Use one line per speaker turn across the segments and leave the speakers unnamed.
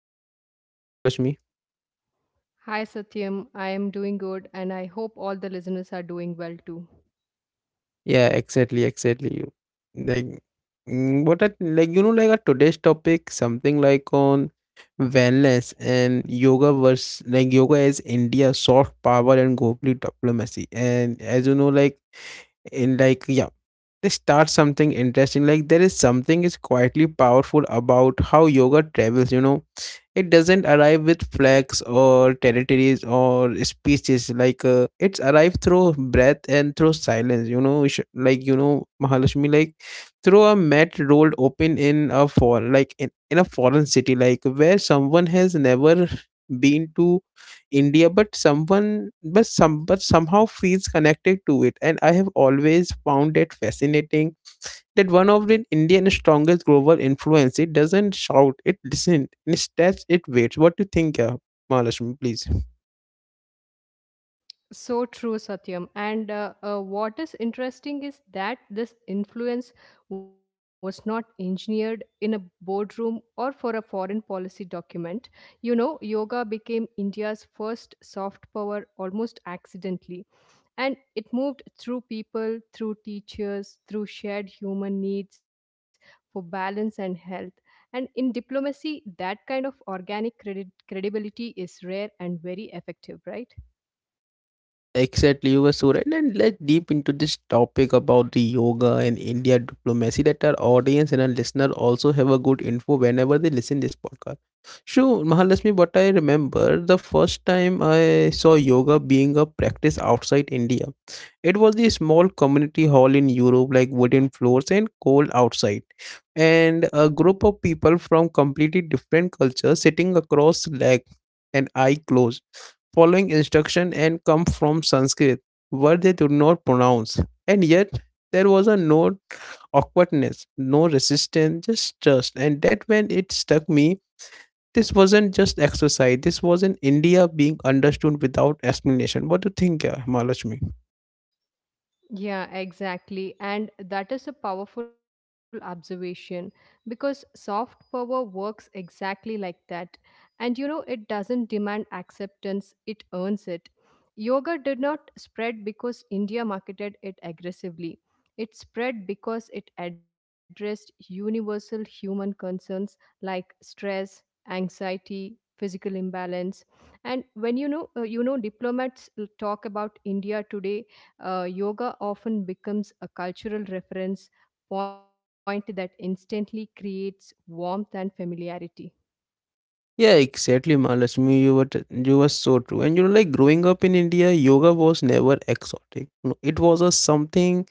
Mahalakshmi. How are you Mahalakshmi?
Hi Satyam, I am doing good and I hope all the listeners are doing well too.
Yeah, exactly, exactly you. Like what I, like you know like our today's topic something like on wellness and yoga versus like yoga as India soft power and global diplomacy. And as you know like in like yeah they start something interesting, like there is something is quietly powerful about how yoga travels. It doesn't arrive with flags or territories or speeches. Like it's arrived through breath and through silence. You know, like you know, Mahalakshmi, like through a mat rolled open in a in a foreign city, like where someone has never been to India, but someone but some but somehow feels connected to it. And I have always found it fascinating that one of the Indian's strongest global influence. It doesn't shout, it listens, it instead it waits. What do you think, Mahalakshmi, please?
So true, Satyam. And what is interesting is that this influence was not engineered in a boardroom or for a foreign policy document. You know, yoga became India's first soft power almost accidentally. And it moved through people, through teachers, through shared human needs for balance and health. And in diplomacy, that kind of organic credibility is rare and very effective, right?
Exactly, you were so right. And let's deep into this topic about the yoga and India diplomacy that our audience and our listener also have a good info whenever they listen this podcast. So, Mahalakshmi, what I remember, the first time I saw yoga being a practice outside India, it was the small community hall in Europe, like wooden floors and cold outside. And a group of people from completely different cultures sitting across leg and eye closed following instruction and come from Sanskrit, word they could not pronounce. And yet, there was a no awkwardness, no resistance, just trust. And that when it struck me, this wasn't just exercise. This was in India being understood without explanation. What do you think, Mahalakshmi?
Yeah, exactly. And that is a powerful observation because soft power works exactly like that. And you know, it doesn't demand acceptance, it earns it. Yoga did not spread because India marketed it aggressively. It spread because it addressed universal human concerns like stress, anxiety, physical imbalance. And when you know, diplomats talk about India today yoga often becomes a cultural reference point that instantly creates warmth and familiarity.
Yeah, exactly, Mahalakshmi. You were so true. And you know, like growing up in India, yoga was never exotic. No, it was a something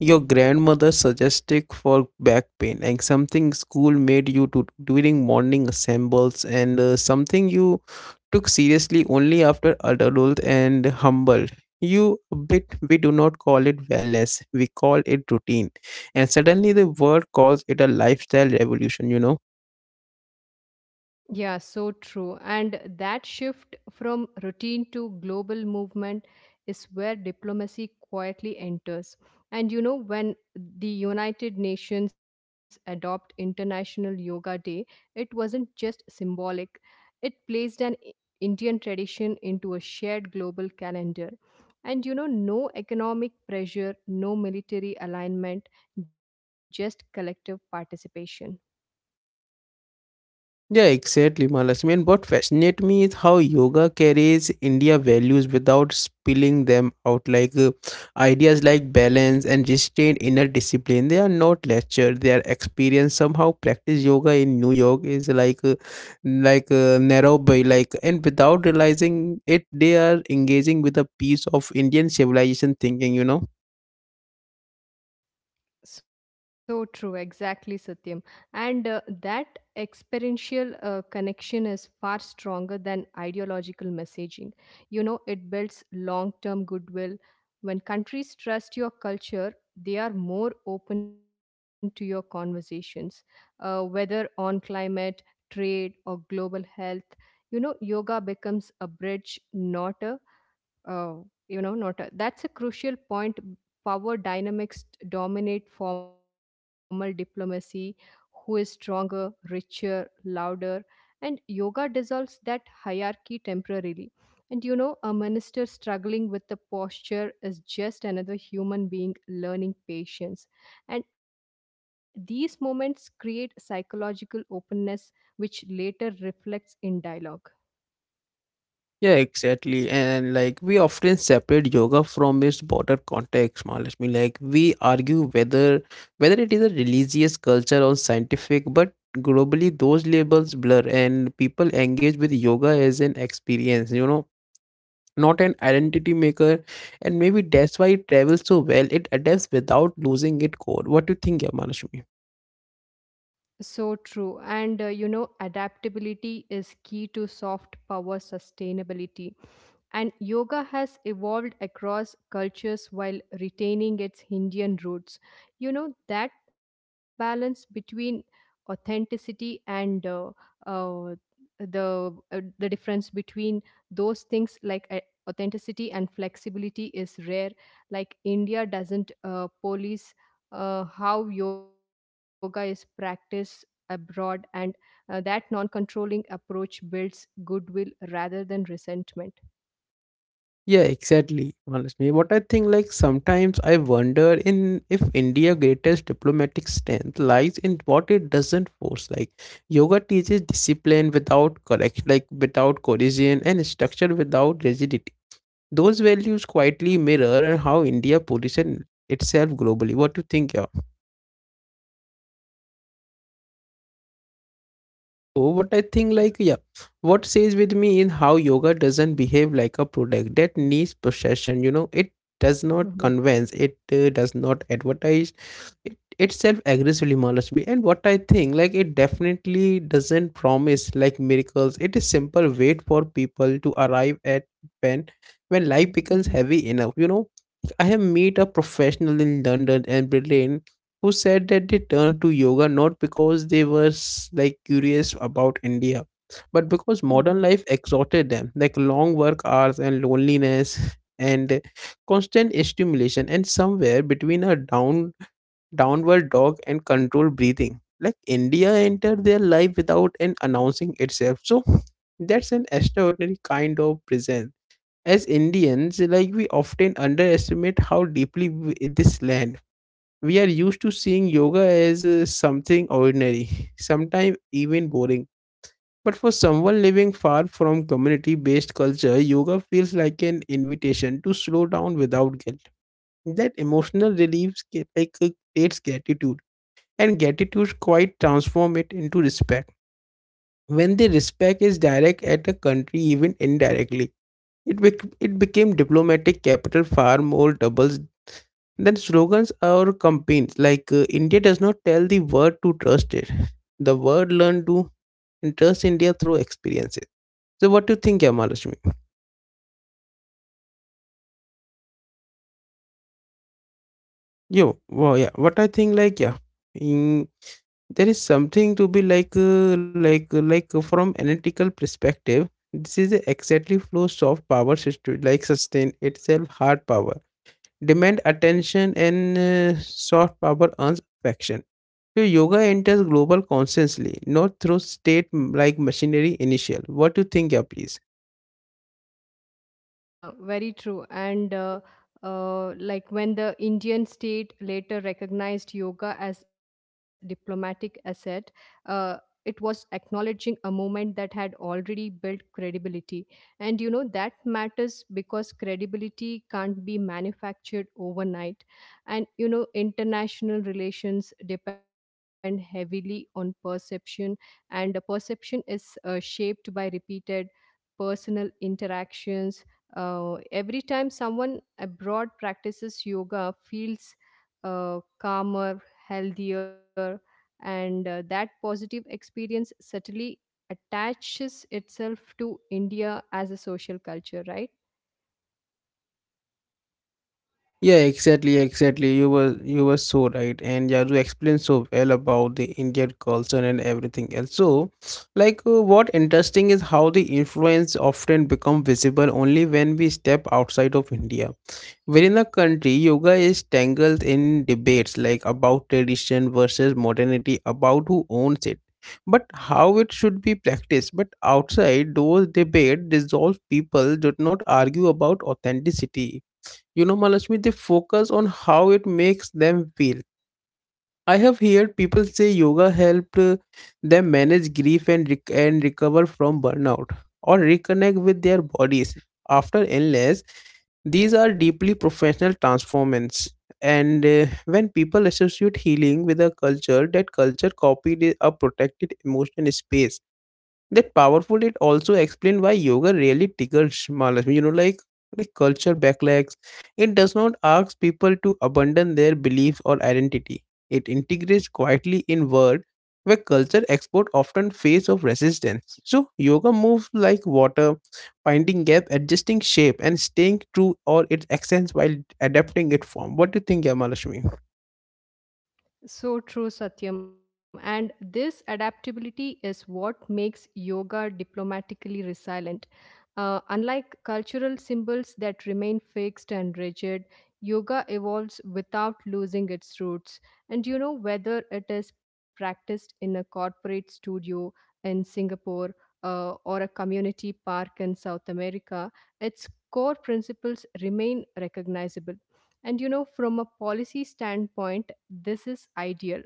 your grandmother suggested for back pain, and something school made you to during morning assembles, and something you took seriously only after adulthood and humble. You a bit we do not call it wellness, we call it routine. And suddenly the world calls it a lifestyle revolution, you know.
Yeah, so true. And that shift from routine to global movement is where diplomacy quietly enters. And you know, when the United Nations adopt International Yoga Day, it wasn't just symbolic. It placed an Indian tradition into a shared global calendar. And you know, no economic pressure, no military alignment, just collective participation.
Yeah, exactly, Malasmi. And what fascinates me is how yoga carries India values without spilling them out. Like ideas like balance and restraint, inner discipline, they are not lectured; they are experienced. Somehow, practice yoga in New York is like narrow by like, and without realizing it, they are engaging with a piece of Indian civilization thinking. You know.
So true, exactly, Satyam. And that experiential connection is far stronger than ideological messaging. You know, it builds long term goodwill. When countries trust your culture, they are more open to your conversations, whether on climate, trade, or global health. You know, yoga becomes a bridge, not a Oh, you know, not a, that's a crucial point. Power dynamics dominate formal diplomacy. Who is stronger, richer, louder? And yoga dissolves that hierarchy temporarily. And you know, a minister struggling with the posture is just another human being learning patience. And these moments create psychological openness, which later reflects in dialogue.
Yeah, exactly. And like we often separate yoga from its broader context, Ma. Like we argue whether it is a religious culture or scientific, but globally those labels blur and people engage with yoga as an experience, you know, not an identity maker. And maybe that's why it travels so well. It adapts without losing its core. What do you think, Yamanashmi?
So true. And you know, adaptability is key to soft power sustainability. And yoga has evolved across cultures while retaining its Indian roots. You know, that balance between authenticity and uh, the difference between those things like authenticity and flexibility is rare, like India doesn't police how yoga is practiced abroad, and that non controlling approach builds goodwill rather than resentment.
Yeah, exactly. Honestly, what I think, like sometimes I wonder in if India' greatest diplomatic strength lies in what it doesn't force. Like yoga teaches discipline without correct, like without coercion, and structure without rigidity. Those values quietly mirror how India positions itself globally. What do you think? Oh, what I think,
Yeah.
like, yeah, what stays with me is how yoga doesn't behave like a product that needs possession. You know, it does not
Mhm.
convince, it does not advertise, it itself aggressively mollusts me. And what I think, like, it definitely doesn't promise like miracles. It is simple wait for people to arrive at when when life becomes
Mhm.
heavy enough. You know, I have meet a professional in London and Berlin who said that they turned to yoga not because they were like curious about India, but because
Mhm.
modern life exhausted them, like long work hours and loneliness and constant stimulation, and somewhere between a downward dog and controlled breathing. Like India entered their life without an announcing itself. So that's an extraordinary kind of presence. As Indians, like we often underestimate how deeply we, this land we are used to seeing yoga as something ordinary, sometimes even boring. But for someone living far from community based culture, yoga feels like an invitation to slow down without guilt. That emotional relief like, creates gratitude, and gratitude quite transform it into respect. When the respect is direct at a country, even indirectly, it became diplomatic capital far more doubles than slogans or campaigns. Like India does not tell the world to trust it. The world learn to trust India through experiences. So what do you think, yeah, Mahalakshmi? Yo, wow, yeah. What I think, like, yeah, in, there is something to be like from analytical perspective. This is exactly flow soft power system, like sustain itself hard power. Demand attention and soft power earns affection. So yoga enters global consciously, not through state like machinery initial. What do you think, yeah, please?
Yeah, very true. And when the Indian state later recognized yoga as diplomatic asset, uh, it was acknowledging a movement that had already built credibility. And you know that matters because credibility can't be manufactured overnight. And you know international relations depend heavily on perception, and the perception is shaped by repeated personal interactions, every time someone abroad practices yoga, feels calmer, healthier, and that positive experience subtly attaches itself to India as a social culture, right?
Yeah, exactly, exactly. You were so right, and yeah, you explained so well about the Indian culture and everything else. So, like, what interesting is how the influence often become visible only when we step outside of India. Within a country, yoga is tangled in debates like about tradition versus modernity, about who owns it, but how it should be practiced. But outside those debates, dissolved people do not argue about authenticity. You know, Malashmi, they focus on how it makes them feel. I have heard people say yoga helped them manage grief and and recover from burnout or reconnect with their bodies after illness. These are deeply professional transformations. And when people associate healing with a culture, that culture copied a protected emotional space that powerful it also explained why yoga really tickles Mahalakshmi. You know, like culture backlashes. It does not ask people to abandon their beliefs or identity. It integrates quietly in world where culture export often face of resistance. So yoga moves like water, finding gap, adjusting shape, and staying true or its essence while adapting its form. What do you think, Yamalashmi?
So true, Satyam. And this adaptability is what makes yoga diplomatically resilient. Unlike cultural symbols that remain fixed and rigid, yoga evolves without losing its roots. And you know, whether it is practiced in a corporate studio in Singapore, or a community park in South America, its core principles remain recognizable. And you know, from a policy standpoint, this is ideal.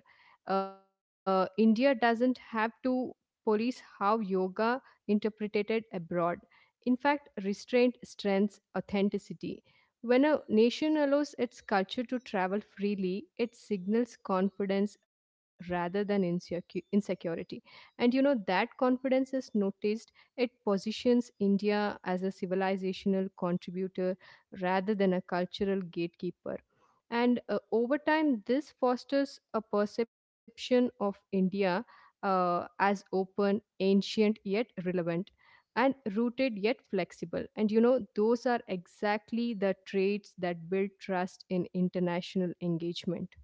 India doesn't have to police how yoga interpreted abroad, in fact, restraint strengthens authenticity. When a nation allows its culture to travel freely, it signals confidence rather than insecurity. And you know, that confidence is noticed, it positions India as a civilizational contributor rather than a cultural gatekeeper. And over time, this fosters a perception of India as open, ancient, yet relevant and rooted yet flexible. And you know, those are exactly the traits that build trust in international engagement.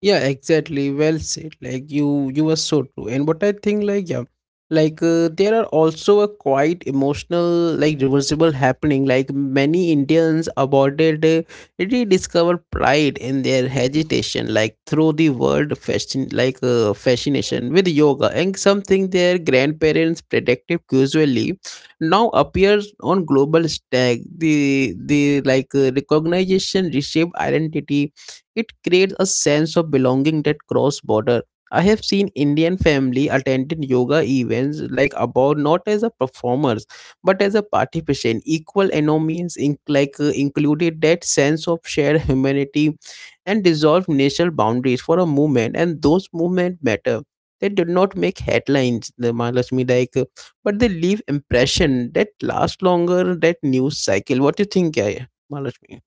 Yeah, exactly. Well said. Like you were so true. And what I think, like yeah, like there are also a quite emotional, like reversible happening. Like many Indians aborded, rediscovered pride in their hesitation, like through the world fashion, like fascination with yoga and something their grandparents protective usually now appears on global stage. The like recognition reshape identity, it creates a sense of belonging that cross border. I have seen Indian family attending yoga events like about not as a performers but as a participant. Equal enemies in, like included that sense of shared humanity and dissolve national boundaries for a movement, and those movement matter, they did not make headlines the mahalakshmi like but they leave impression that last longer that news cycle. What do you think, yeah, yeah, mahalakshmi?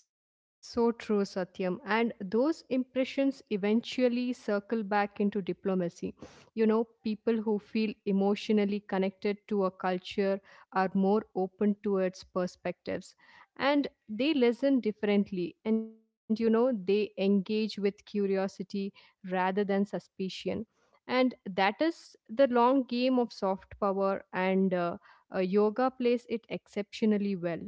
So true, Satyam. And those impressions eventually circle back into diplomacy. You know, people who feel emotionally connected to a culture are more open to its perspectives, and they listen differently, and, you know, they engage with curiosity rather than suspicion. And that is the long game of soft power, and yoga plays it exceptionally well.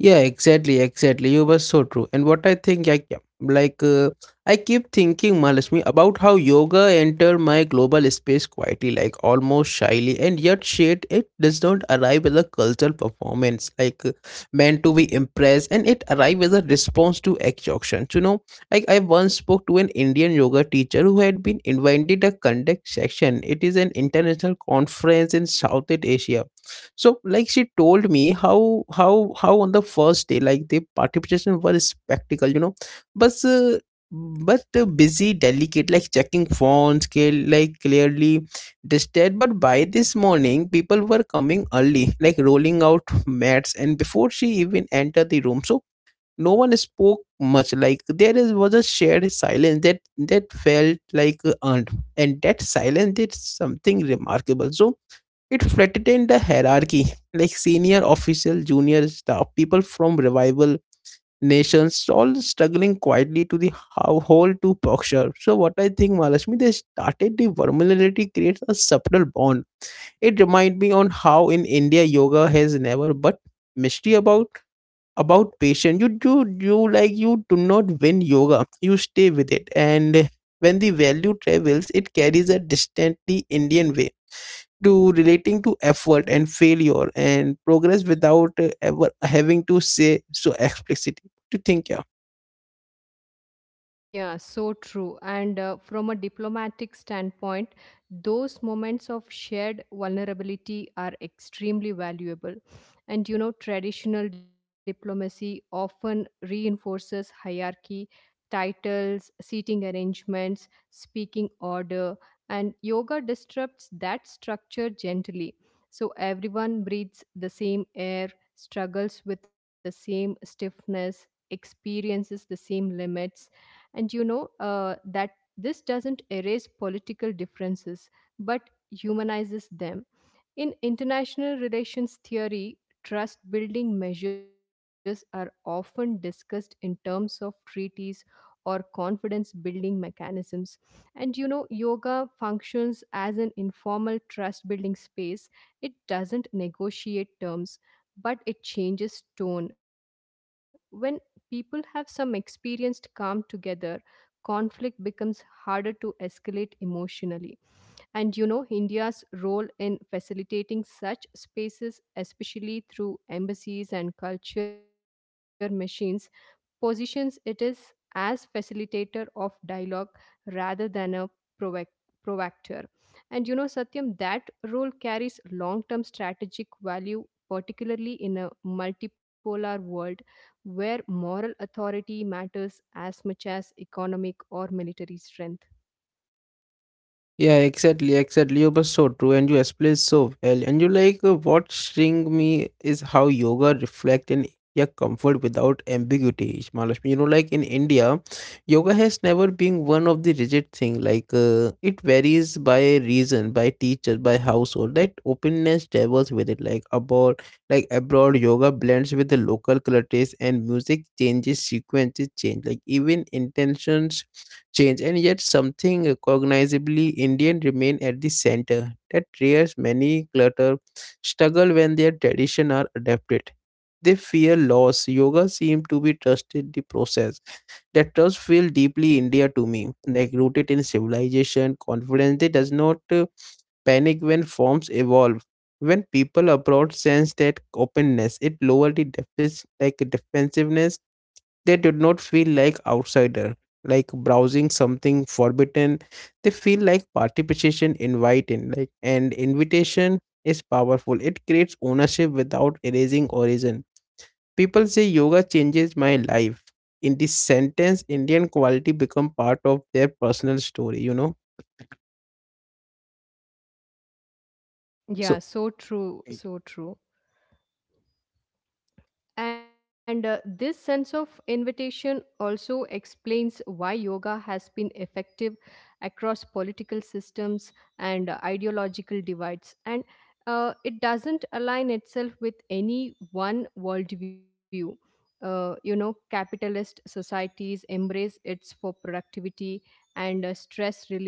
Yeah, exactly, exactly. You were so true. And what I think, I yeah, like I keep thinking, Malashmi, about how yoga entered my global space quietly, like almost shyly, and yet shit, it does not arrive as a cultural performance, like meant to be impressed, and it arrives as a response to exhaustion. So, you know, like I once spoke to an Indian yoga teacher who had been invited to conduct section. It is an international conference in Southeast Asia, so, like she told me how on the first day, like the participation were a spectacle, you know, but uh, but busy, delicate, like checking phones, like clearly disturbed. But by this morning, people were coming early, like rolling out mats, and before she even entered the room, so no one spoke much. Like there is was a shared silence that felt like earned, and that silence did something remarkable. So it flattened the hierarchy, like senior official, junior staff, people from revival nations, all struggling quietly to the how whole to posture. So what I think, Mahalakshmi, they started the vulnerability creates a subtle bond. It reminds me on how in India yoga has never but mystery about patience you do you like you do not win yoga, you stay with it. And when the value travels it carries a distantly indian way to relating to effort and failure and progress without ever having to say so explicitly to think yeah.
Yeah, so true. And from a diplomatic standpoint, those moments of shared vulnerability are extremely valuable. And you know, traditional diplomacy often reinforces hierarchy, titles, seating arrangements, speaking order, and yoga disrupts that structure gently. So everyone breathes the same air, struggles with the same stiffness, experiences the same limits, and you know that this doesn't erase political differences but humanizes them. In international relations theory, trust building measures are often discussed in terms of treaties or confidence building mechanisms. And you know, yoga functions as an informal trust building space. It doesn't negotiate terms, but it changes tone. When people have some experienced calm together, conflict becomes harder to escalate emotionally. And you know, India's role in facilitating such spaces, especially through embassies and culture machines, positions it is as facilitator of dialogue rather than a provoc- provocateur. And you know, Satyam, that role carries long term strategic value, particularly in a multipolar world where moral authority matters as much as economic or military strength.
Yeah, exactly, exactly. You were so true, and you explained so well. And you like what string me is how yoga reflect in your comfort without ambiguity, Mahalakshmi. You know, like in India, yoga has never been one of the rigid thing. Like it varies by region, by teacher, by household. That openness travels with it. Like abroad, yoga blends with the local cultures and music changes, sequences change. Like even intentions change, and yet something recognizably Indian remain at the center that rears many clutter struggle when their tradition are adapted. They fear loss. Yoga seem to be trusted the process. That trust feel deeply India to me, like rooted in civilization, confidence. They does not panic when forms evolve. When people abroad sense that openness, it lower the deficit like defensiveness they did not feel like outsider, like browsing something forbidden. They feel like participation inviting, like and invitation is powerful. It creates ownership without erasing origin. People say yoga changes my life. In this sentence, Indian quality become part of their personal story.
Yeah,
So
so true, so true. And this sense of invitation also explains why yoga has been effective across political systems and ideological divides. And it doesn't align itself with any one worldview. You know, capitalist societies embrace its for productivity and stress relief.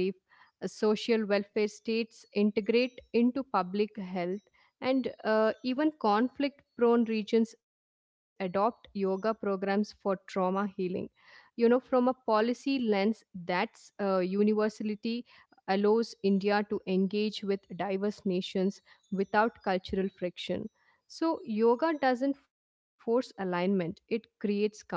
Social welfare states integrate into public health and even conflict prone regions adopt yoga programs for trauma healing. You know, from a policy lens, that's universality allows India to engage with diverse nations without cultural friction. So, yoga doesn't force alignment, it creates comfort.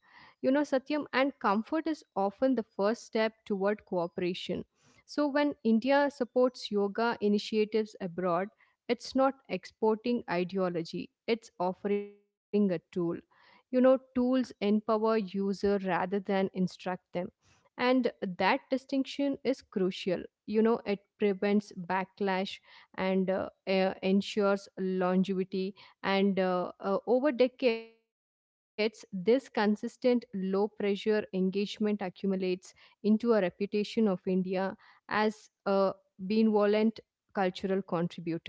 You know, Satyam, and comfort is often the first step toward cooperation. So, when India supports yoga initiatives abroad, it's not exporting ideology, it's offering a tool. You know, tools empower user rather than instruct them, and that distinction is crucial. You know, it prevents backlash and ensures longevity, and over decades this consistent low pressure engagement accumulates into a reputation of India as a benevolent cultural contributor, right?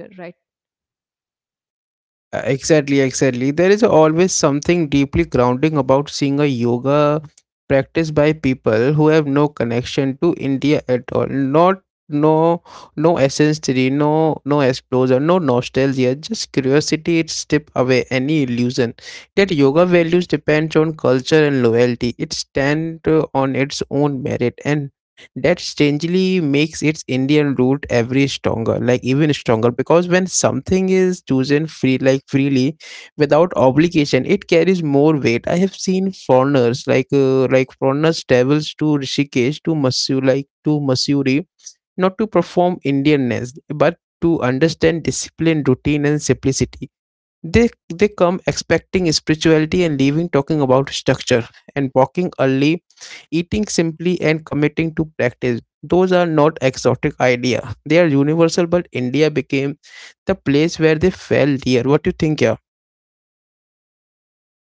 Exactly, exactly. There is always something deeply grounding about seeing a yoga practice by people who have no connection to India at all. Not no no essence theory, no no exposure, no nostalgia, just curiosity it strip away any illusion that yoga values depends on culture and loyalty. It stand on its own merit, and that strangely makes its Indian root every stronger, like even stronger. Because when something is chosen free, like freely, without obligation, it carries more weight. I have seen foreigners like foreigners travels to Rishikesh to Masu like to Masuri, not to perform Indianness, but to understand discipline, routine, and simplicity they come expecting spirituality and leaving talking about structure and walking early, eating simply, and committing to practice. Those are not exotic idea. They are universal, but India became the place where they fell dear. What do you think, yeah?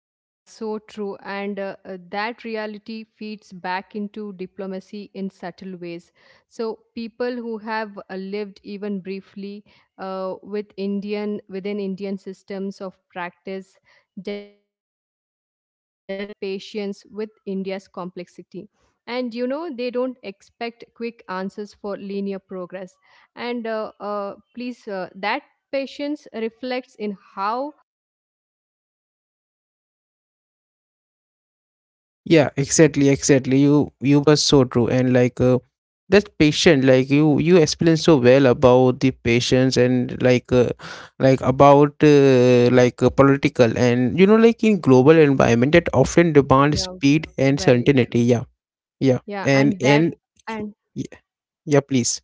Yeah, so true. And that reality feeds back into diplomacy in subtle ways. So, people who have lived even briefly within Indian systems of practice develop patience with India's complexity. And you know, they don't expect quick answers for linear progress. That patience reflects in how,
Yeah, exactly, exactly, you were so true. And that patient like you explained so well about the patients and like about political and you know like in global environment
yeah,
that often
yeah,
demand speed and
very true.
certainty. Yeah. Yeah,
Yeah, and that
and
and
yeah, yeah, please.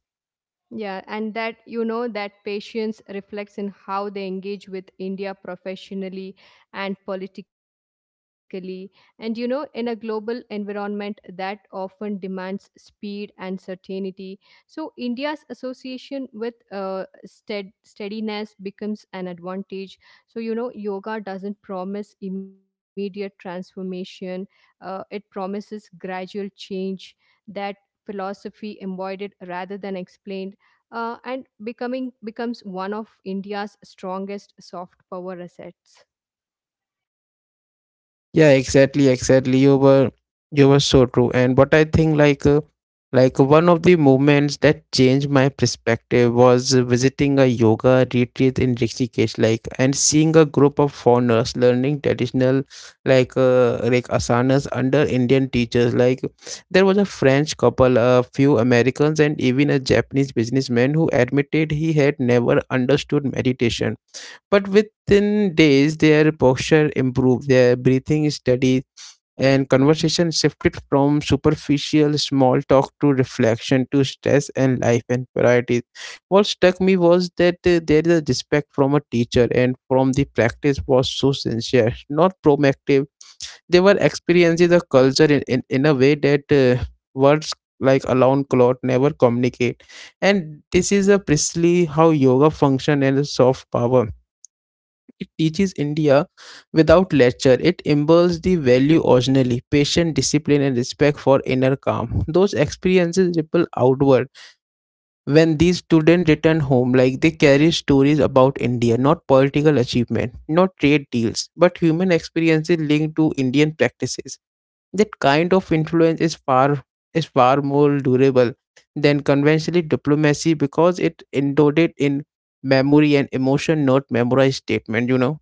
yeah, and that you know that patience reflects in how they engage with India professionally and politically. And you know, in a global environment that often demands speed and certainty, so India's association with steadiness becomes an advantage. So, you know, yoga doesn't promise immediate transformation, it promises gradual change, that philosophy embodied rather than explained, and becoming becomes one of India's strongest soft power assets.
Yeah, exactly, exactly, you were so true. And what I think like one of the moments that changed my perspective was visiting a yoga retreat in Rishikesh, like and seeing a group of foreigners learning traditional like asanas under Indian teachers. Like there was a French couple, a few Americans, and even a Japanese businessman who admitted he had never understood meditation, but within days, their posture improved, their breathing steadied, and conversation shifted from superficial small talk to reflection to stress and life and priorities. What struck me was that there is a respect from a teacher, and from the practice was so sincere, not proactive. They were experiencing the culture in a way that words like alone cloth never communicate. And this is a precisely how yoga function and a soft power, it teaches India without lecture. It imbues the value originally, patient discipline and respect for inner calm. Those experiences ripple outward. When these students return home, like they carry stories about India, not political achievement, not trade deals, but human experiences linked to Indian practices. That kind of influence is far more durable than conventional diplomacy because it endowed it in memory and emotion, not memorized statement.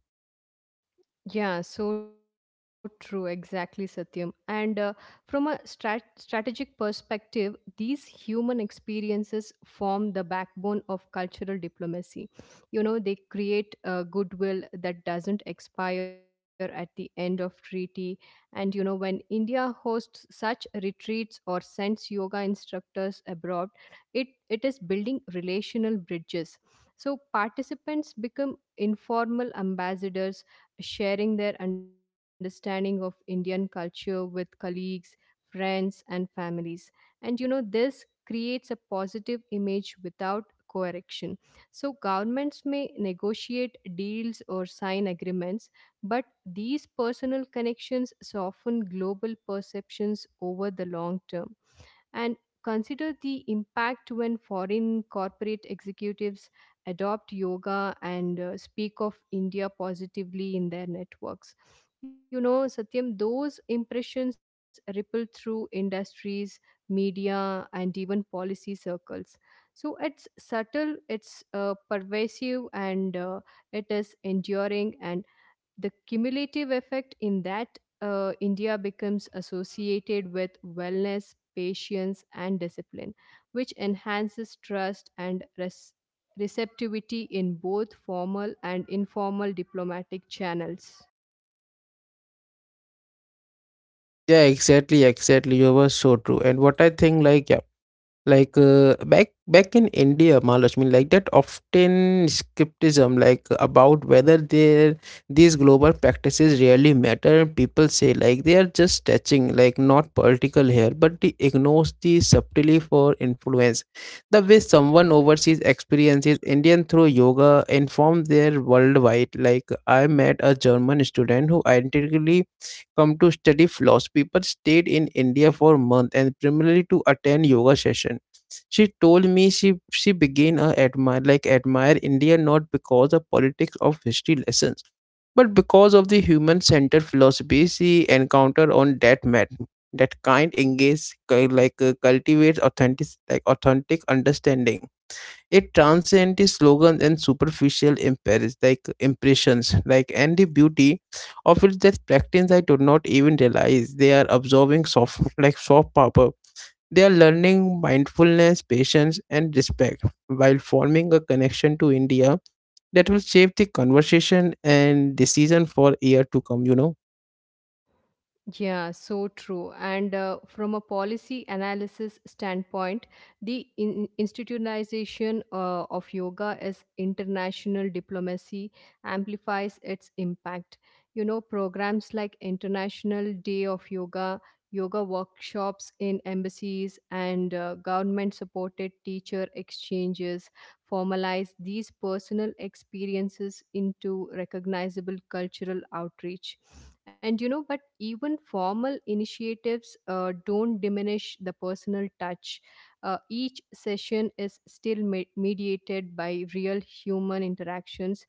Yeah, so true. Exactly, Satyam. And from a strategic perspective, these human experiences form the backbone of cultural diplomacy. You know, they create goodwill that doesn't expire at the end of treaty. And, you know, when India hosts such retreats or sends yoga instructors abroad, it is building relational bridges. So, participants become informal ambassadors sharing their understanding of Indian culture with colleagues, friends, and families. And you know, this creates a positive image without correction. So, governments may negotiate deals or sign agreements, but these personal connections soften global perceptions over the long term, and consider the impact when foreign corporate executives adopt yoga and speak of India positively in their networks. You know, Satyam, those impressions ripple through industries, media, and even policy circles. So it's subtle, it's pervasive, and it is enduring, and the cumulative effect in that India becomes associated with wellness, patience, and discipline, which enhances trust and receptivity in both formal and informal diplomatic channels.
Yeah, exactly, exactly. You were so true. And what I think, like, yeah, like, back in India, Mahalakshmi, like that often skepticism like about whether there these global practices really matter. People say like they are just touching, like not political here, but they ignores the subtlety for influence. The way someone overseas experiences Indian through yoga informs their worldwide. Like I met a German student who identically come to study philosophy but stayed in India for a month and primarily to attend yoga session. She told me she began admire like admire India, not because of politics of history lessons, but because of the human centered philosophy she encountered on that mat. That kind engage cu- cultivates authentic like authentic understanding. It transcends the slogans and superficial impairs, like impressions, like and the beauty of it that practice I do not even realize they are absorbing soft like soft power. They are learning mindfulness, patience, and respect while forming a connection to India that will shape the conversation and decision for year to come.
Yeah, so true. And from a policy analysis standpoint, the institutionalization of yoga as international diplomacy amplifies its impact. You know, programs like International Day of Yoga, yoga workshops in embassies, and government supported teacher exchanges formalize these personal experiences into recognizable cultural outreach, and you know, but even formal initiatives don't diminish the personal touch. Each session is still mediated by real human interactions.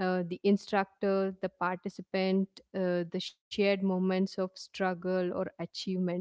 The instructor, the participant, the shared moments of struggle or achievement.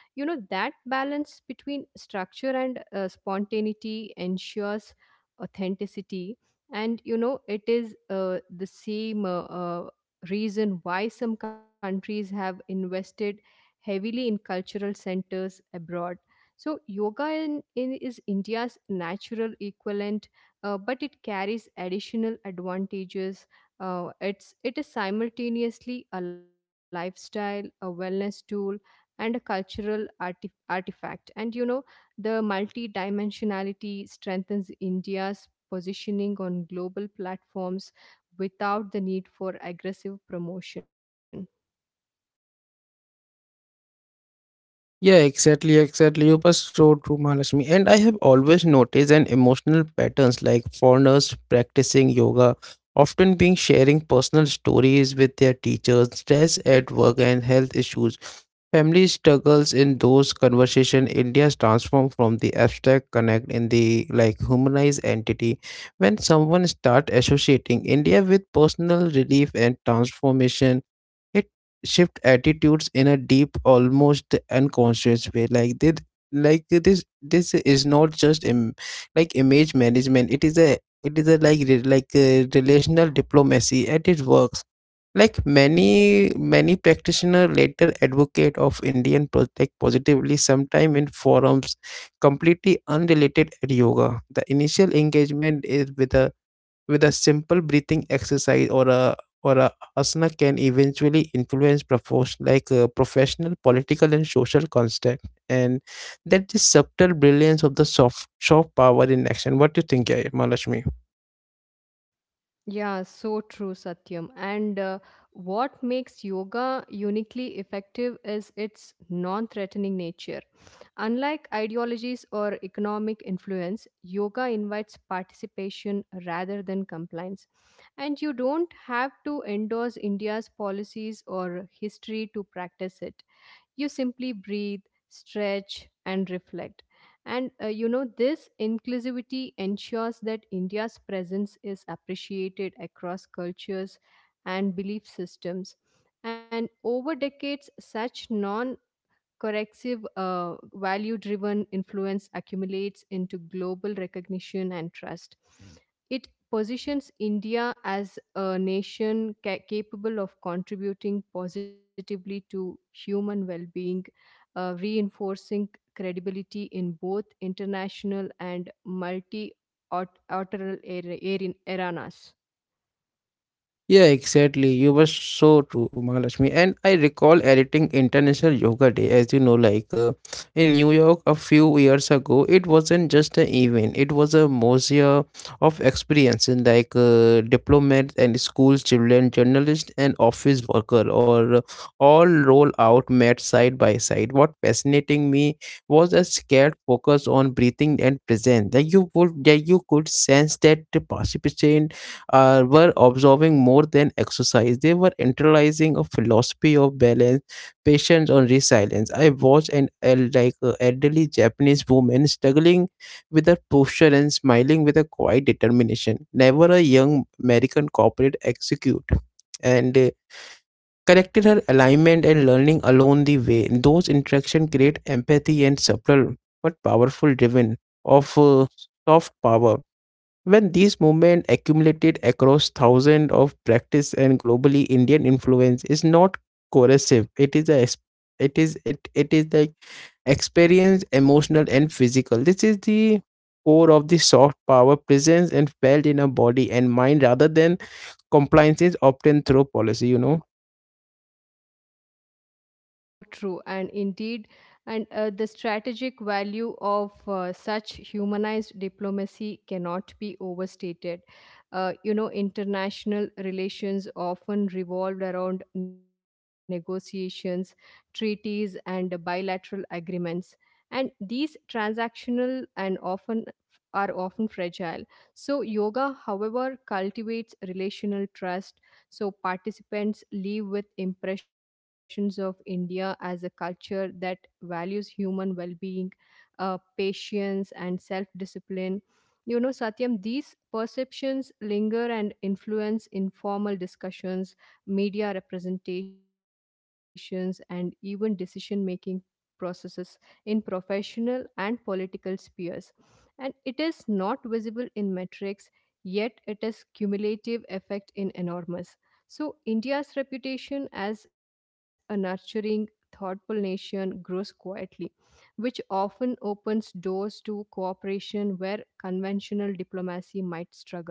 You know that balance between structure and spontaneity ensures authenticity, and you know it is the same reason why some countries have invested heavily in cultural centers abroad, so yoga in is India's natural equivalent, but it carries additional advantages. It is simultaneously a lifestyle, a wellness tool, and a cultural artifact. And you know, the multidimensionality strengthens India's positioning on global platforms without the need for aggressive promotion.
Yeah, exactly, exactly. You were so true, Mahalakshmi. And I have always noticed an emotional patterns like foreigners practicing yoga, often being sharing personal stories with their teachers, stress at work and health issues. Family struggles in those conversation, India's transformed from the abstract connect in the like humanized entity. When someone start associating India with personal relief and transformation, it shift attitudes in a deep almost unconscious way like this like this is not just Im- like image management, it is a like re- like a relational diplomacy at its works. Like many many practitioner later advocate of Indian pro- like positively sometime in forums completely unrelated at yoga. The initial engagement is with a simple breathing exercise or a asana can eventually influence profession professional, political, and social construct, and that is subtle brilliance of the soft power in action. What do you think, eh, Mahalakshmi?
Yeah, so true, Satyam. And what makes yoga uniquely effective is its non threatening nature. Unlike ideologies or economic influence, yoga invites participation rather than compliance. And you don't have to endorse India's policies or history to practice it. You simply breathe, stretch, and reflect. This inclusivity ensures that India's presence is appreciated across cultures and belief systems. And over decades, such non corrective, value driven influence accumulates into global recognition and trust. It positions India as a nation capable of contributing positively to human well being, reinforcing credibility in both international and multilateral aranas.
Yeah, exactly. You were so true, Mahalakshmi. And I recall editing International Yoga Day, as you know, in New York a few years ago, it wasn't just an event, it was a museum of experiences diplomats and school children, journalists and office worker, or all roll out mat side by side. What fascinating me was a scared focus on breathing and presence. That you would that you could sense that the participant were observing more than exercise. They were internalizing a philosophy of balance, patience, and resilience. I watched an el- elderly Japanese woman struggling with her posture and smiling with a quiet determination. Never a young American corporate execute and corrected her alignment and learning along the way. Those interactions create empathy and subtle but powerful driven of soft power. When these movements accumulated across thousands of practice and globally, Indian influence is not coercive. It is a es- it is it it is like experience, emotional and physical. This is the core of the soft power presence and felt in a body and mind rather than compliances obtained through policy.
Yeah, so true. And indeed, and the strategic value of such humanized diplomacy cannot be overstated. International relations often revolved around negotiations, treaties, and bilateral agreements. And these transactional and often fragile. So, yoga, however, cultivates relational trust, so participants leave with impressions of India as a culture that values human well being, patience, and self discipline. You know, Satyam, these perceptions linger and influence informal discussions, media representations, and even decision making processes in professional and political spheres. And it is not visible in metrics, yet it is cumulative effect in enormous. So, India's reputation as a nurturing, thoughtful nation grows quietly, which often opens doors to cooperation where conventional diplomacy might struggle.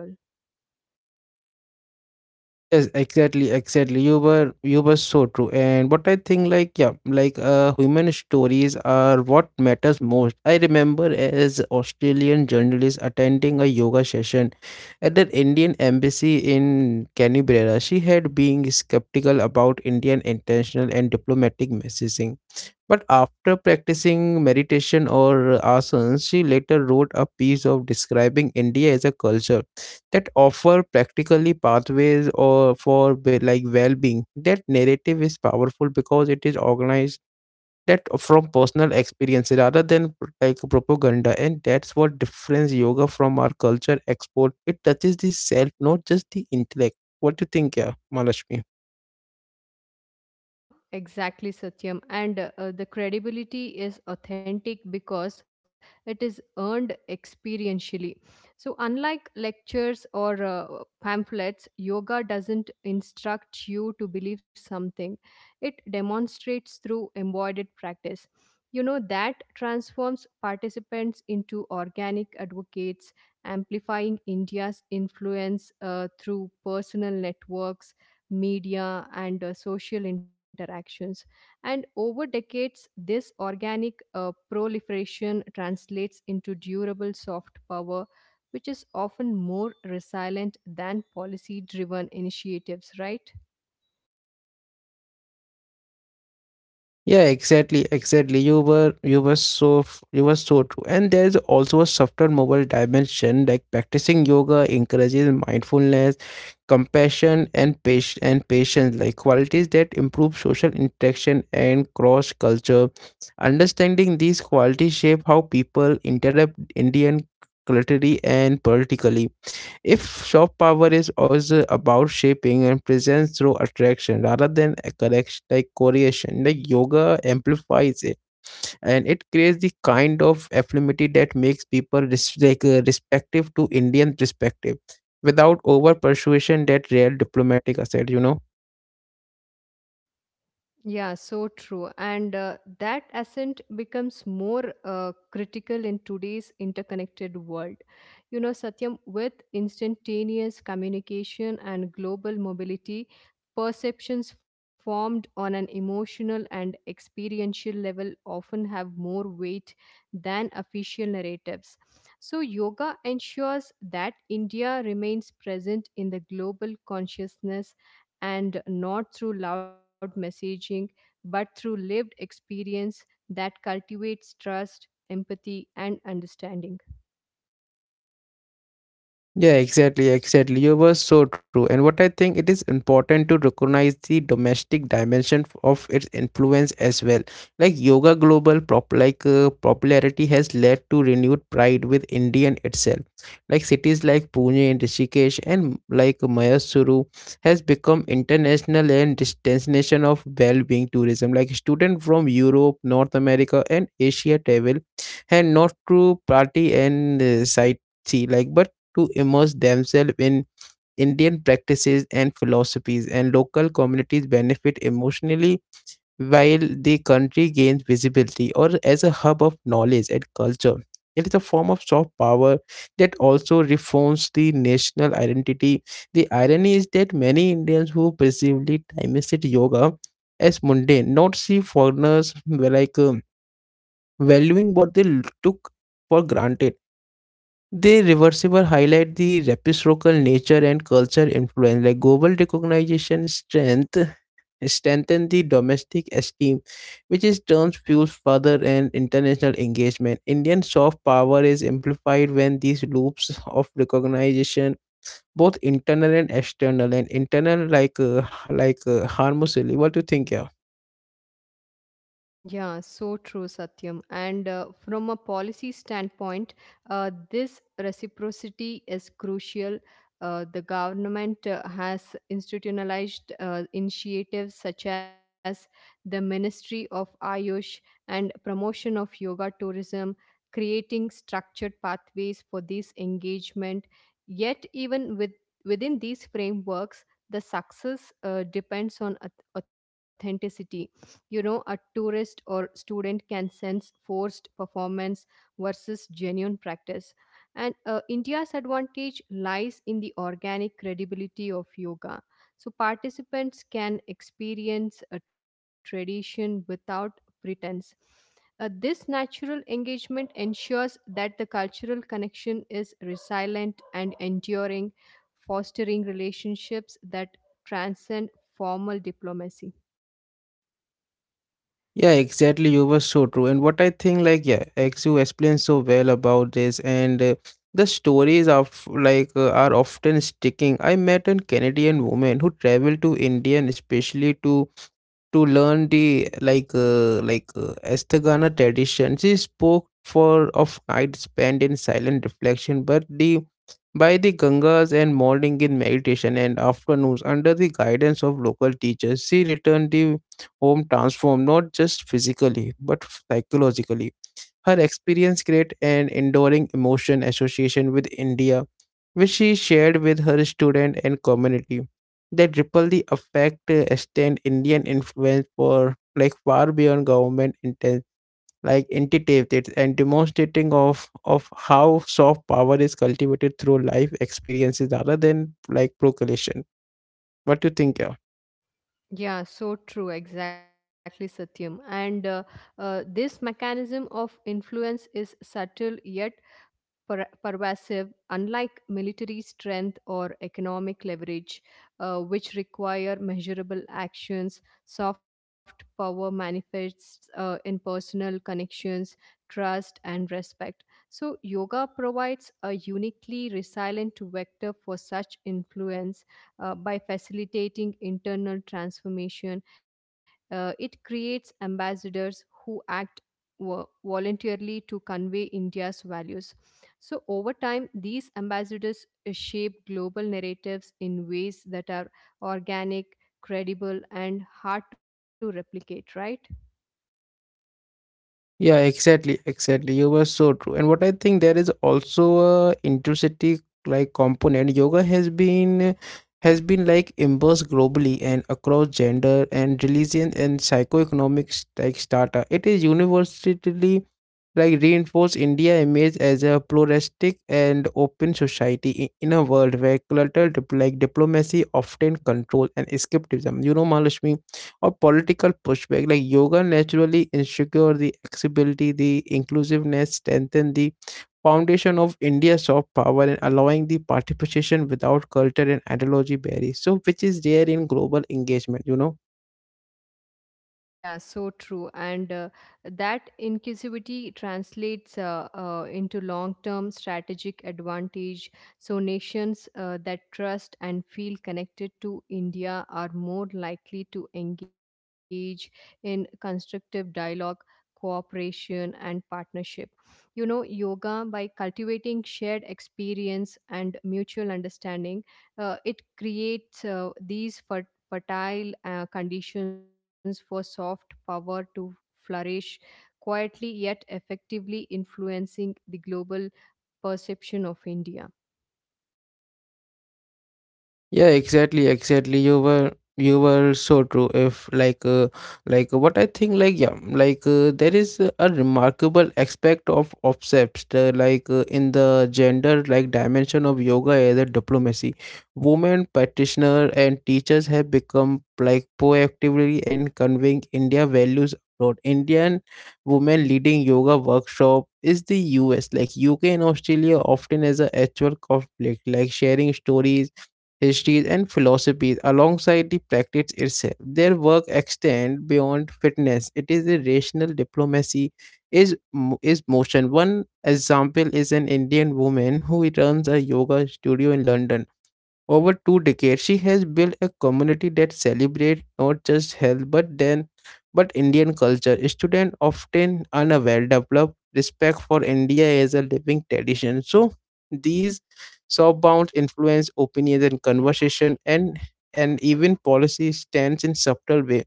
Yes, exactly, exactly, you were you were so true. And what I think, like yeah, human stories are what matters most. I remember as Australian journalist attending a yoga session at the Indian embassy in Canberra. She had been skeptical about Indian intentional and diplomatic messaging, but after practicing meditation or asanas, she later wrote a piece of describing India as a culture that offer practically pathways or for be- like well-being. That narrative is powerful because it is organized that from personal experience rather than pr- like propaganda, and that's what difference yoga from our culture export, it touches the self not just the intellect. What do you think, yeah, Malashmi?
Yeah, exactly, Satyam. And the credibility is authentic because it is earned experientially. So, unlike lectures or pamphlets, yoga doesn't instruct you to believe something, it demonstrates through embodied practice. You know, that transforms participants into organic advocates, amplifying India's influence through personal networks, media, and social interactions. And over decades this organic proliferation translates into durable soft power, which is often more resilient than policy driven initiatives, right?
Yeah, exactly, exactly, you were you were so f- you were so true. And there is also a softer mobile dimension, like practicing yoga encourages mindfulness, compassion, and patience, like qualities that improve social interaction and cross culture. Understanding these qualities shape how people interrupt Indian culturally and politically. If soft power is also about shaping and presence through attraction rather than a correction, like correlation, like yoga amplifies it, and it creates the kind of affirmity that makes people res- respective to Indian perspective without over persuasion that real diplomatic asset, you know.
Yeah, so true. And that ascent becomes more critical in today's interconnected world. You know, Satyam, with instantaneous communication and global mobility, perceptions formed on an emotional and experiential level often have more weight than official narratives. So, yoga ensures that India remains present in the global consciousness, and not through loud messaging, but through lived experience that cultivates trust, empathy, and understanding.
Yeah, exactly, exactly. You were so true. And what I think it is important to recognize the domestic dimension f- of its influence as well. Like yoga global prop popularity has led to renewed pride with Indian itself. Like cities like Pune and Rishikesh and like Mayasuru has become international and dis- destination of well-being tourism. Like students from Europe, North America, and Asia travel and not to party and sightsee like but to immerse themselves in Indian practices and philosophies, and local communities benefit emotionally while the country gains visibility or as a hub of knowledge and culture. It is a form of soft power that also reforms the national identity. The irony is that many Indians who perceivably time-wasted yoga as mundane, not see foreigners like valuing what they l- took for granted. They reversible highlight the reciprocal nature and culture influence, like global recognition strength strengthen the domestic esteem, which is turns fuels further and international engagement. Indian soft power is amplified when these loops of recognition, both internal and external, and internal harmlessly. What do you think? Yeah.
Yeah, so true, Satyam. And from a policy standpoint, this reciprocity is crucial. The government has institutionalized initiatives such as the Ministry of Ayush and promotion of yoga tourism, creating structured pathways for this engagement. Yet, within these frameworks, the success depends on authenticity. You know, a tourist or student can sense forced performance versus genuine practice. And india's advantage lies in the organic credibility of yoga, so participants can experience a tradition without pretense. This natural engagement ensures that the cultural connection is resilient and enduring, fostering relationships that transcend formal diplomacy.
Yeah, exactly. You were so true. And what I think, like, yeah, as you explained so well about this, and the stories of like are often sticking. I met a Canadian woman who traveled to India, and especially to learn the Asthagana tradition. She spoke for of nights spent in silent reflection, but the by the Gangas and morning in meditation and afternoons under the guidance of local teachers. She returned the home transformed not just physically but psychologically. Her experience created an enduring emotion association with India, which she shared with her student and community. That ripple the effect extend Indian influence for like far beyond government intent like entities, and demonstrating of how soft power is cultivated through life experiences rather than like proclamation. What do you think? Yeah?
Yeah, so true, exactly, Satyam. And this mechanism of influence is subtle yet pervasive, unlike military strength or economic leverage, which require measurable actions. Soft power manifests in personal connections, trust, and respect. So, yoga provides a uniquely resilient vector for such influence by facilitating internal transformation. It creates ambassadors who act voluntarily to convey India's values. So, over time, these ambassadors shape global narratives in ways that are organic, credible, and hard to replicate, right?
Yeah, exactly, exactly. You were so true. And what I think there is also a intercity like component. Yoga has been like embraced globally and across gender and religion and psychoeconomic like strata. It is universally like reinforce India image as a pluralistic and open society in a world where cultural like diplomacy often control and escapism. You know, Mahalakshmi, or political pushback. Like yoga naturally ensure the accessibility, the inclusiveness, strengthen the foundation of India's soft power and allowing the participation without culture and ideology barriers. So which is there in global engagement, you know.
Yeah, so true. And that inclusivity translates into long term strategic advantage. So, nations that trust and feel connected to India are more likely to engage in constructive dialogue, cooperation, and partnership. You know, yoga, by cultivating shared experience and mutual understanding, it creates these fertile conditions for soft power to flourish, quietly yet effectively influencing the global perception of India.
Yeah, exactly, exactly. You were so true. If like like what I think like yeah, like There is a remarkable aspect of obsessed in the gender like dimension of yoga as a diplomacy. Women practitioners and teachers have become like proactively and conveying India values abroad. Indian women leading yoga workshop is the US like UK and Australia often as a actual conflict like sharing stories histories, and philosophies alongside the practice itself. Their work extends beyond fitness. It is a rational diplomacy is motion. One example is an Indian woman who runs a yoga studio in London over two decades. She has built a community that celebrates not just health but Indian culture. Students often unaware develop respect for India as a living tradition. So these softbound influence opinions and conversation and even policy stands in subtle way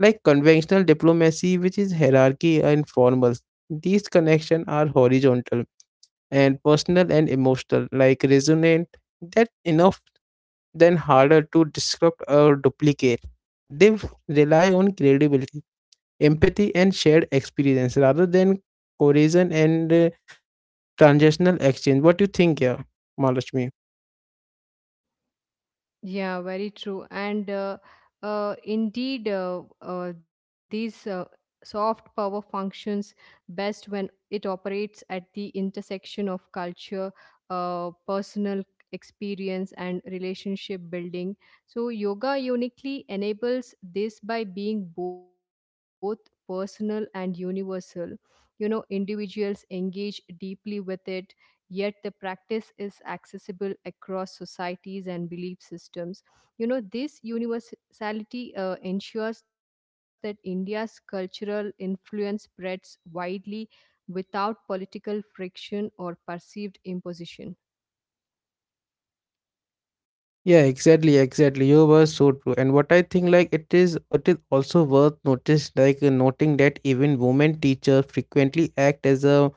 like conventional diplomacy which is hierarchy and formal. These connections are horizontal and personal and emotional like resonant that enough then harder to disrupt or duplicate. They rely on credibility, empathy, and shared experience rather than coercion and transactional exchange. What do you think here, Malashmi?
Yeah, very true. And indeed, these soft power functions best when it operates at the intersection of culture, personal experience, and relationship building. So, yoga uniquely enables this by being both personal and universal. You know, individuals engage deeply with it. Yet the practice is accessible across societies and belief systems. You know, this universality ensures that India's cultural influence spreads widely without political friction or perceived imposition.
Yeah, exactly, exactly. You were so true. And what I think, like, it is also worth notice, like, noting that even women teachers frequently act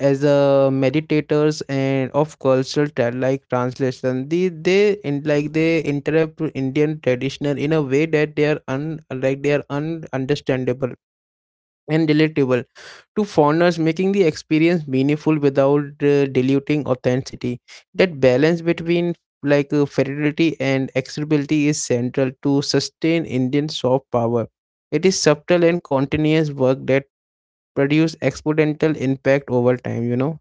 as a meditators and of cultural like translation. They interrupt Indian traditional in a way that they are un, like, they are un understandable and relatable to foreigners, making the experience meaningful without diluting authenticity. That balance between fidelity and accessibility is central to sustain Indian soft power. It is subtle and continuous work that produce exponential impact over time. You know.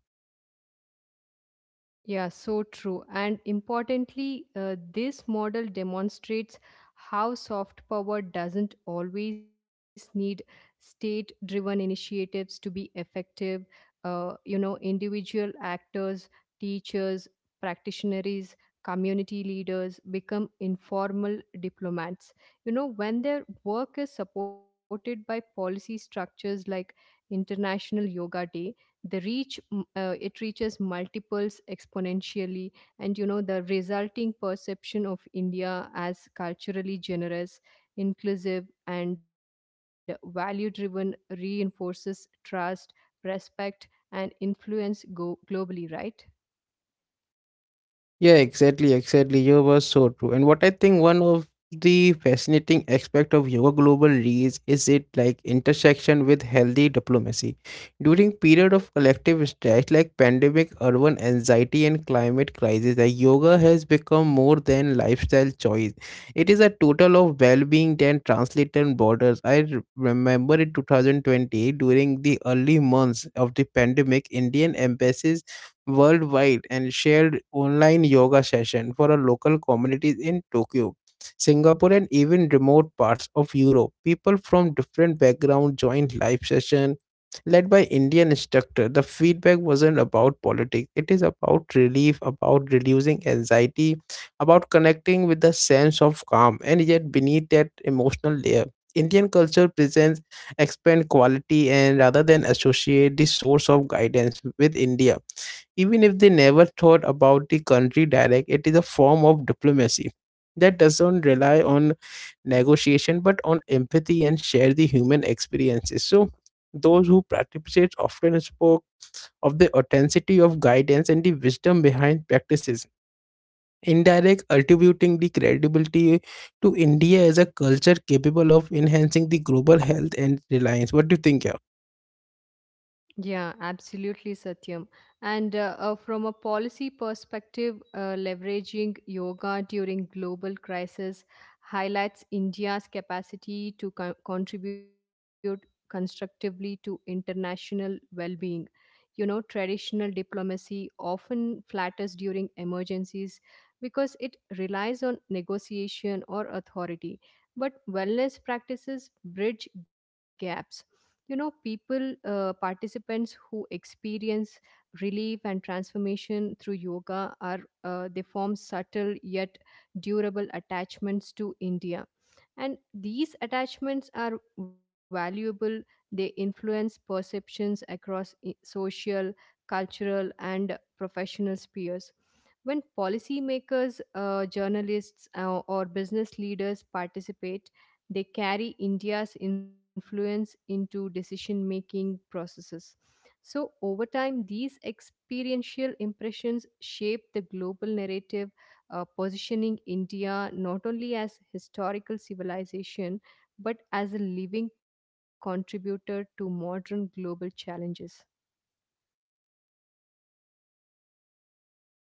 Yeah, so true. And importantly, this model demonstrates how soft power doesn't always need state driven initiatives to be effective. Individual actors, teachers, practitioners, community leaders become informal diplomats. You know, when their work is supported by policy structures like International Yoga Day, it reaches multiples exponentially. And you know, the resulting perception of india as culturally generous, inclusive, and value driven reinforces trust, respect, and influence globally, right?
Yeah, exactly, exactly. You were so true. And what I think one of the fascinating aspect of yoga global reach is it like intersection with healthy diplomacy. During period of collective stress like pandemic, urban anxiety and climate crisis, like yoga has become more than lifestyle choice. It is a total of well-being that translated borders. I remember in 2020 during the early months of the pandemic, Indian embassies worldwide and shared online yoga session for a local communities in Tokyo, Singapore and even remote parts of Europe. People from different backgrounds joined live session led by Indian instructor. The feedback wasn't about politics. It is about relief, about reducing anxiety, about connecting with the sense of calm and yet beneath that emotional layer. Indian culture presents expand quality and rather than associate the source of guidance with India. Even if they never thought about the country direct, it is a form of diplomacy that doesn't rely on negotiation but on empathy and share the human experiences. So, those who participate often spoke of the authenticity of guidance and the wisdom behind practices. Indirect attributing the credibility to India as a culture capable of enhancing the global health and reliance. What do you think, yeah?
Yeah, absolutely, Satyam. And from a policy perspective, leveraging yoga during global crisis highlights India's capacity to contribute constructively to international well being. You know, traditional diplomacy often flatters during emergencies because it relies on negotiation or authority. But wellness practices bridge gaps. You know, people participants who experience relief and transformation through yoga are, they form subtle yet durable attachments to india, and these attachments are valuable. They influence perceptions across social, cultural, and professional spheres. When policymakers, journalists, or business leaders participate, they carry India's influence into decision making processes. So, over time, these experiential impressions shape the global narrative, positioning India not only as historical civilization, but as a living contributor to modern global challenges.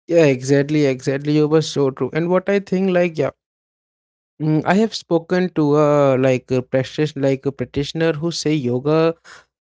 Yeah, exactly, exactly. You were so true. And what I think, like, yeah. Mm, I have spoken to a like a practitioner who say yoga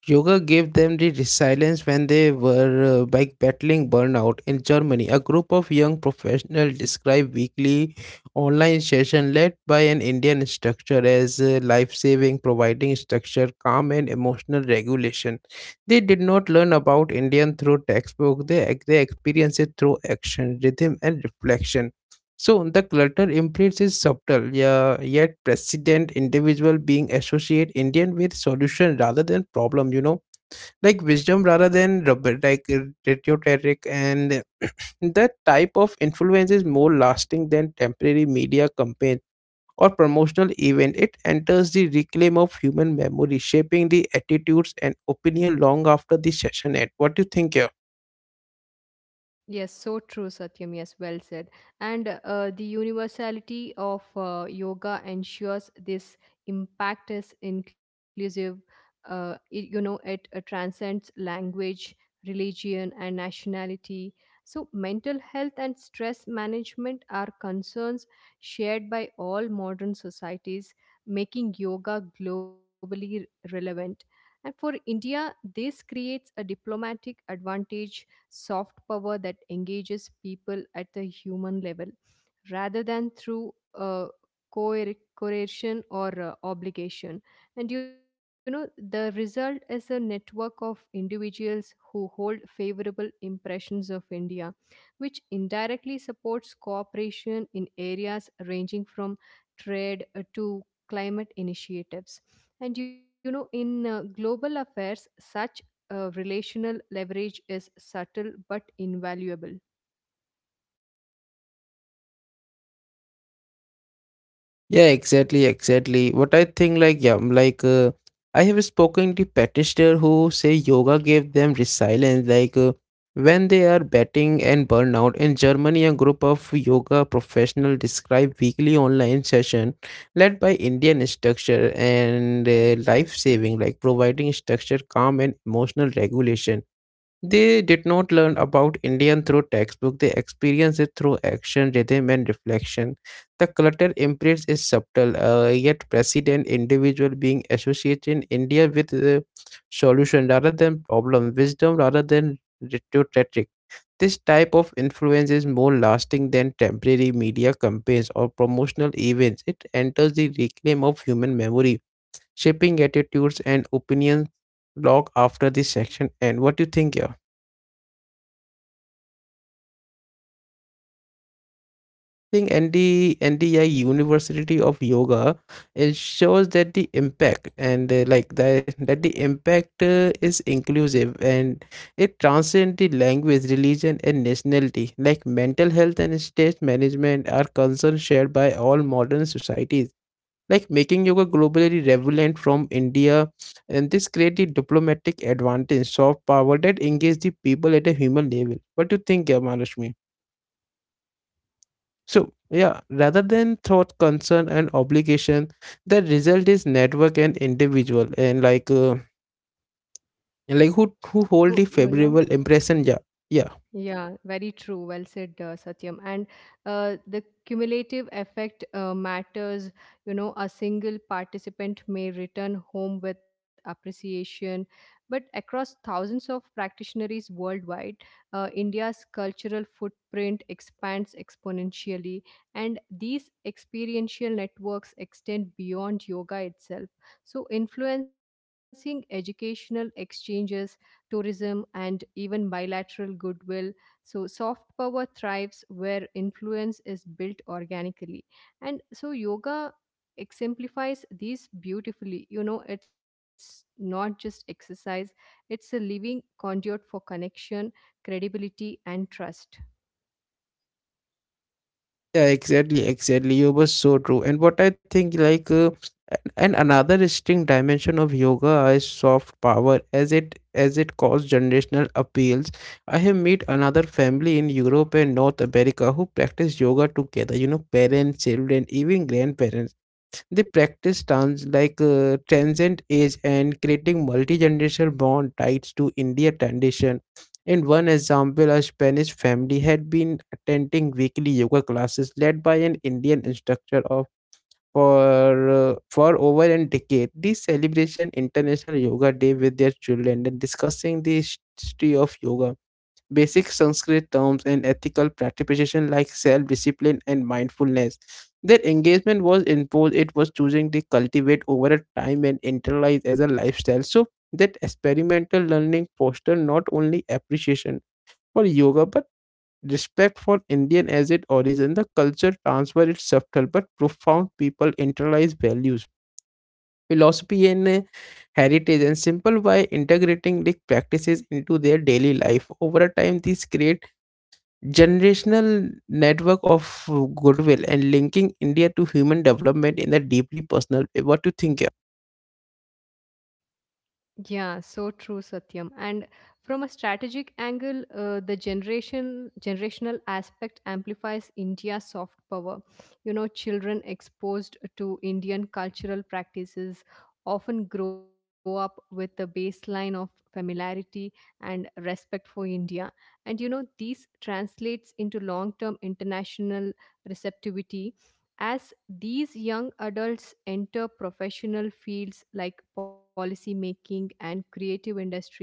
yoga gave them the resilience when they were like battling burnout in Germany. A group of young professionals described weekly online session led by an Indian instructor as life saving, providing structure, calm, and emotional regulation. They did not learn about Indian through textbook. They experienced it through action, rhythm, and reflection. So the clutter imprint is subtle, yeah, yet president individual being associate Indian with solution rather than problem, you know, like wisdom rather than rubber, rhetoric, and that type of influence is more lasting than temporary media campaign or promotional event. It enters the reclaim of human memory, shaping the attitudes and opinion long after the session end. What do you think here?
Yes, so true, Satyam. Yes, well said. And the universality of yoga ensures this impact is inclusive. It transcends language, religion, and nationality. So, mental health and stress management are concerns shared by all modern societies, making yoga globally relevant. And for India, this creates a diplomatic advantage, soft power that engages people at the human level rather than through coercion or obligation. And you know, the result is a network of individuals who hold favorable impressions of India, which indirectly supports cooperation in areas ranging from trade to climate initiatives. And you know, in global affairs, such relational leverage is subtle but invaluable.
Yeah, exactly, exactly. What I think, like, yeah, I have spoken to practitioners who say yoga gave them resilience, when they are betting and burnout. In Germany, a group of yoga professionals describe weekly online session led by Indian instructor and life saving, like providing structure, calm, and emotional regulation. They did not learn about Indian through textbook. They experienced it through action, rhythm, and reflection. The clutter imprint is subtle, yet president individual being associated in India with solution rather than problem, wisdom rather than rhetoric. This type of influence is more lasting than temporary media campaigns or promotional events. It enters the reclaim of human memory, shaping attitudes and opinions log after this section. And what do you think here? Think ND, NDI University of Yoga, it shows that the impact and like that the impact is inclusive and it transcends the language, religion, and nationality. Like mental health and state management are concerns shared by all modern societies. Like making yoga globally relevant from India, and this create the diplomatic advantage, soft power that engage the people at a human level. What do you think, Gamalashmi? So, yeah, rather than thought, concern, and obligation, the result is network and individual, and who
So,
hold the
you know,
favorable impression. Yeah, yeah,
Yeah, very true. Well said, Satyam. And the cumulative effect matters. You know, a single participant may return home with appreciation, but across thousands of practitioners worldwide, India's cultural footprint expands exponentially, and these experiential networks extend beyond yoga itself. So, influencing educational exchanges, tourism, and even bilateral goodwill. So, soft power thrives where influence is built organically. And so, yoga exemplifies these beautifully. You know, it's not just exercise, it's a living conduit for connection, credibility, and trust.
yeah. Exactly, exactly. You were so true. And what I think, like, and another distinct dimension of yoga is soft power, as it caused generational appeals. I have met another family in Europe and North America who practice yoga together. You know, parents, children, even grandparents. They practice stunts like transcend age and creating multi-generational bond tied to India tradition. In one example, a Spanish family had been attending weekly yoga classes led by an Indian instructor of for over a decade. This celebration International Yoga Day with their children and discussing the history of yoga basic Sanskrit terms and ethical participation like self-discipline and mindfulness. Their engagement was imposed, it was choosing to cultivate over a time and internalize as a lifestyle. So that experimental learning fostered not only appreciation for yoga but respect for Indian as its origin. The culture transfer its subtle but profound people internalize values, philosophy and heritage and simple by integrating these practices into their daily life. Over a time, these create generational network of goodwill and linking India to human development in a deeply personal way. What do you think? Yeah?
Yeah, so true, Satyam. And from a strategic angle, the generation generational aspect amplifies India's soft power. You know, children exposed to Indian cultural practices often grow up with the baseline of familiarity and respect for India. And you know, these translates into long-term international receptivity. As these young adults enter professional fields like policy making and creative industries,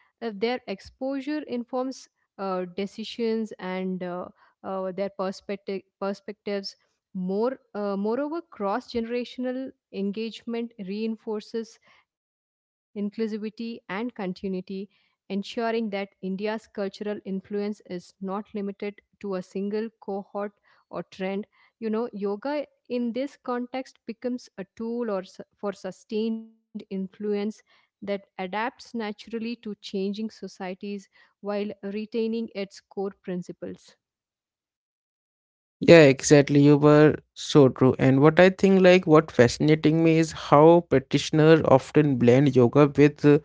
their exposure informs decisions and their perspectives. Moreover, cross generational engagement reinforces inclusivity and continuity, ensuring that india's cultural influence is not limited to a single cohort or trend. You know, yoga in this context becomes a tool for sustained influence that adapts naturally to changing societies while retaining its core principles.
Yeah, exactly. You were so true. And what I think, like, what fascinating me is how practitioners often blend yoga with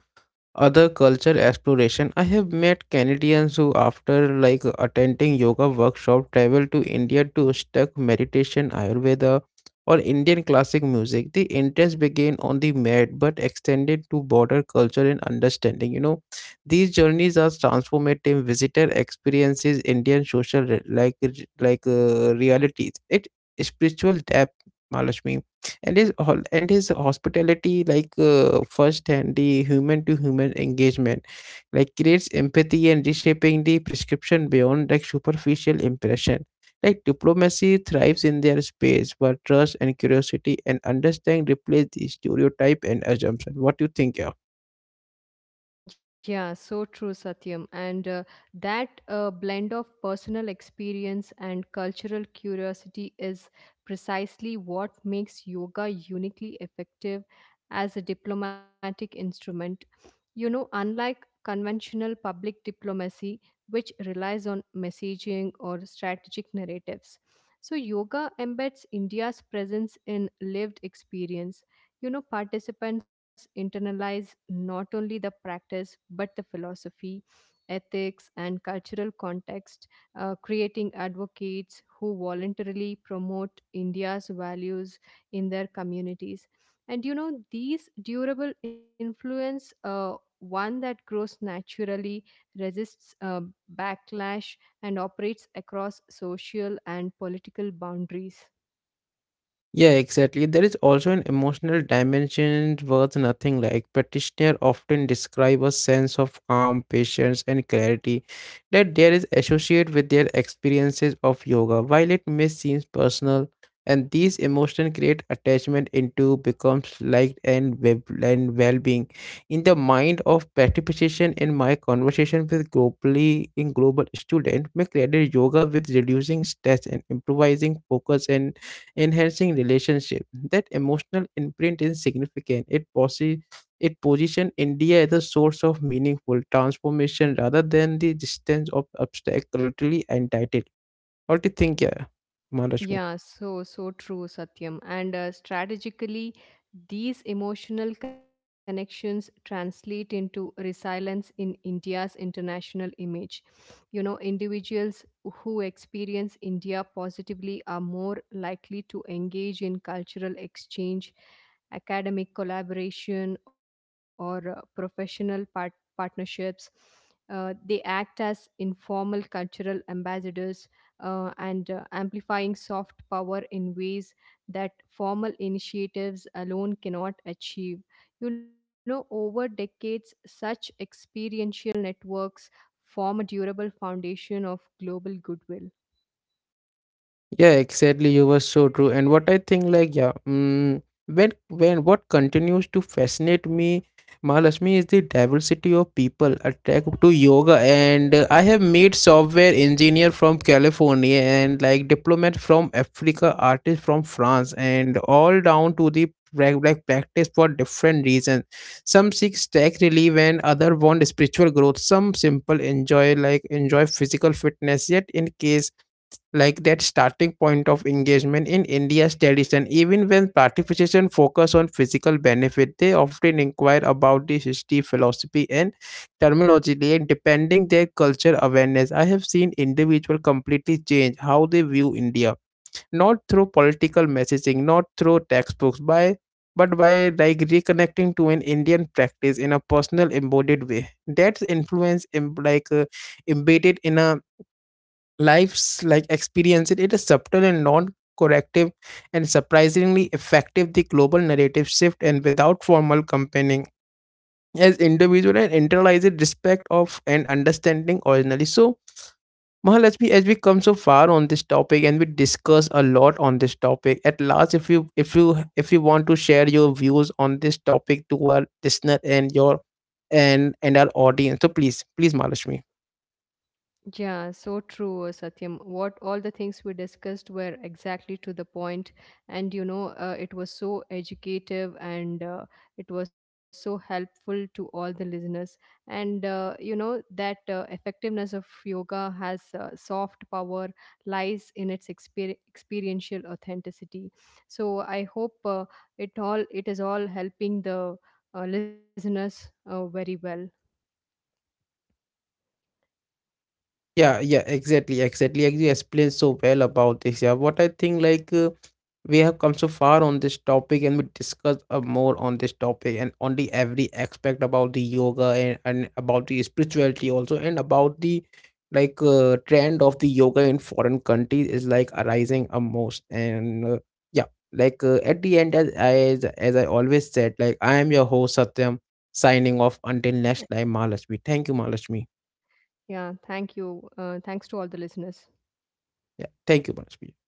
other culture exploration. I have met Canadians who after like attending yoga workshop travel to India to study meditation ayurveda or Indian classic music. The interest began on the mat but extended to broader culture and understanding. You know, these journeys are transformative visitor experiences Indian social like realities it spiritual depth, Malashmi, and his hospitality like first hand the human to human engagement like creates empathy and reshaping the prescription beyond like superficial impression like diplomacy thrives in their space where trust and curiosity and understanding replace the stereotype and assumption. What do you think?
Yeah, so true, Satyam. And that blend of personal experience and cultural curiosity is precisely what makes yoga uniquely effective as a diplomatic instrument. You know, unlike conventional public diplomacy, which relies on messaging or strategic narratives. So, yoga embeds India's presence in lived experience. You know, participants internalize not only the practice but the philosophy, ethics, and cultural context, creating advocates who voluntarily promote India's values in their communities. And you know, these durable influence, one that grows naturally, resists backlash, and operates across social and political boundaries.
Yeah, exactly. There is also an emotional dimension worth nothing like. Practitioners often describe a sense of calm, patience, and clarity that there is associated with their experiences of yoga. While it may seem personal, and these emotions create attachment into becomes liked and well-being in the mind of participation in my conversation with globally in global student may credit yoga with reducing stress and improvising focus and enhancing relationship. That emotional imprint is significant. It position India as a source of meaningful transformation rather than the distance of obstacle to the entitled. What do you think, yeah, Maharashmi?
Yeah, so, so true, Satyam. And strategically, these emotional connections translate into resilience in India's international image. You know, individuals who experience India positively are more likely to engage in cultural exchange, academic collaboration, or professional partnerships. They act as informal cultural ambassadors, and amplifying soft power in ways that formal initiatives alone cannot achieve. You know, over decades, such experiential networks form a durable foundation of global goodwill.
Yeah, exactly. You were so true. And what I think, like, yeah, mm, when what continues to fascinate me, Mahalashmi, is the diversity of people attracted to yoga. And I have made software engineer from California and like diplomat from Africa, artist from France, and all down to the like practice for different reasons. Some seek stress relief, and other want spiritual growth. Some simple enjoy enjoy physical fitness. Yet in case like that starting point of engagement in India's tradition. Even when participation focus on physical benefit, they often inquire about the history, philosophy, and terminology, and depending their culture awareness. I have seen individual completely change how they view India, not through political messaging, not through textbooks, by but by like reconnecting to an Indian practice in a personal embodied way. That's influence, in, like embedded in a life's like experience. It is subtle and non-corrective and surprisingly effective. The global narrative shift and without formal campaigning as individual and internalized respect of and understanding originally. So Mahalakshmi, as we come so far on this topic and we discuss a lot on this topic, at last, if you want to share your views on this topic to our listener and your and our audience, so please, please, Mahalakshmi.
Yeah, so true, Satyam. What all the things we discussed were exactly to the point, and you know, it was so educative and it was so helpful to all the listeners. And you know, that effectiveness of yoga has soft power lies in its experiential authenticity. So I hope it is all helping the listeners very well.
Yeah, yeah, exactly, exactly. Like, you explained so well about this. Yeah, what I think, like, we have come so far on this topic and we discuss more on this topic and on the every aspect about the yoga and about the spirituality also and about the trend of the yoga in foreign countries is like arising a most and yeah like at the end as I always said like I am your host Satyam signing off until next time Mahalashmi, thank you Mahalashmi.
Yeah, thank you. Thanks to all the listeners.
Yeah, thank you Mahalashmi.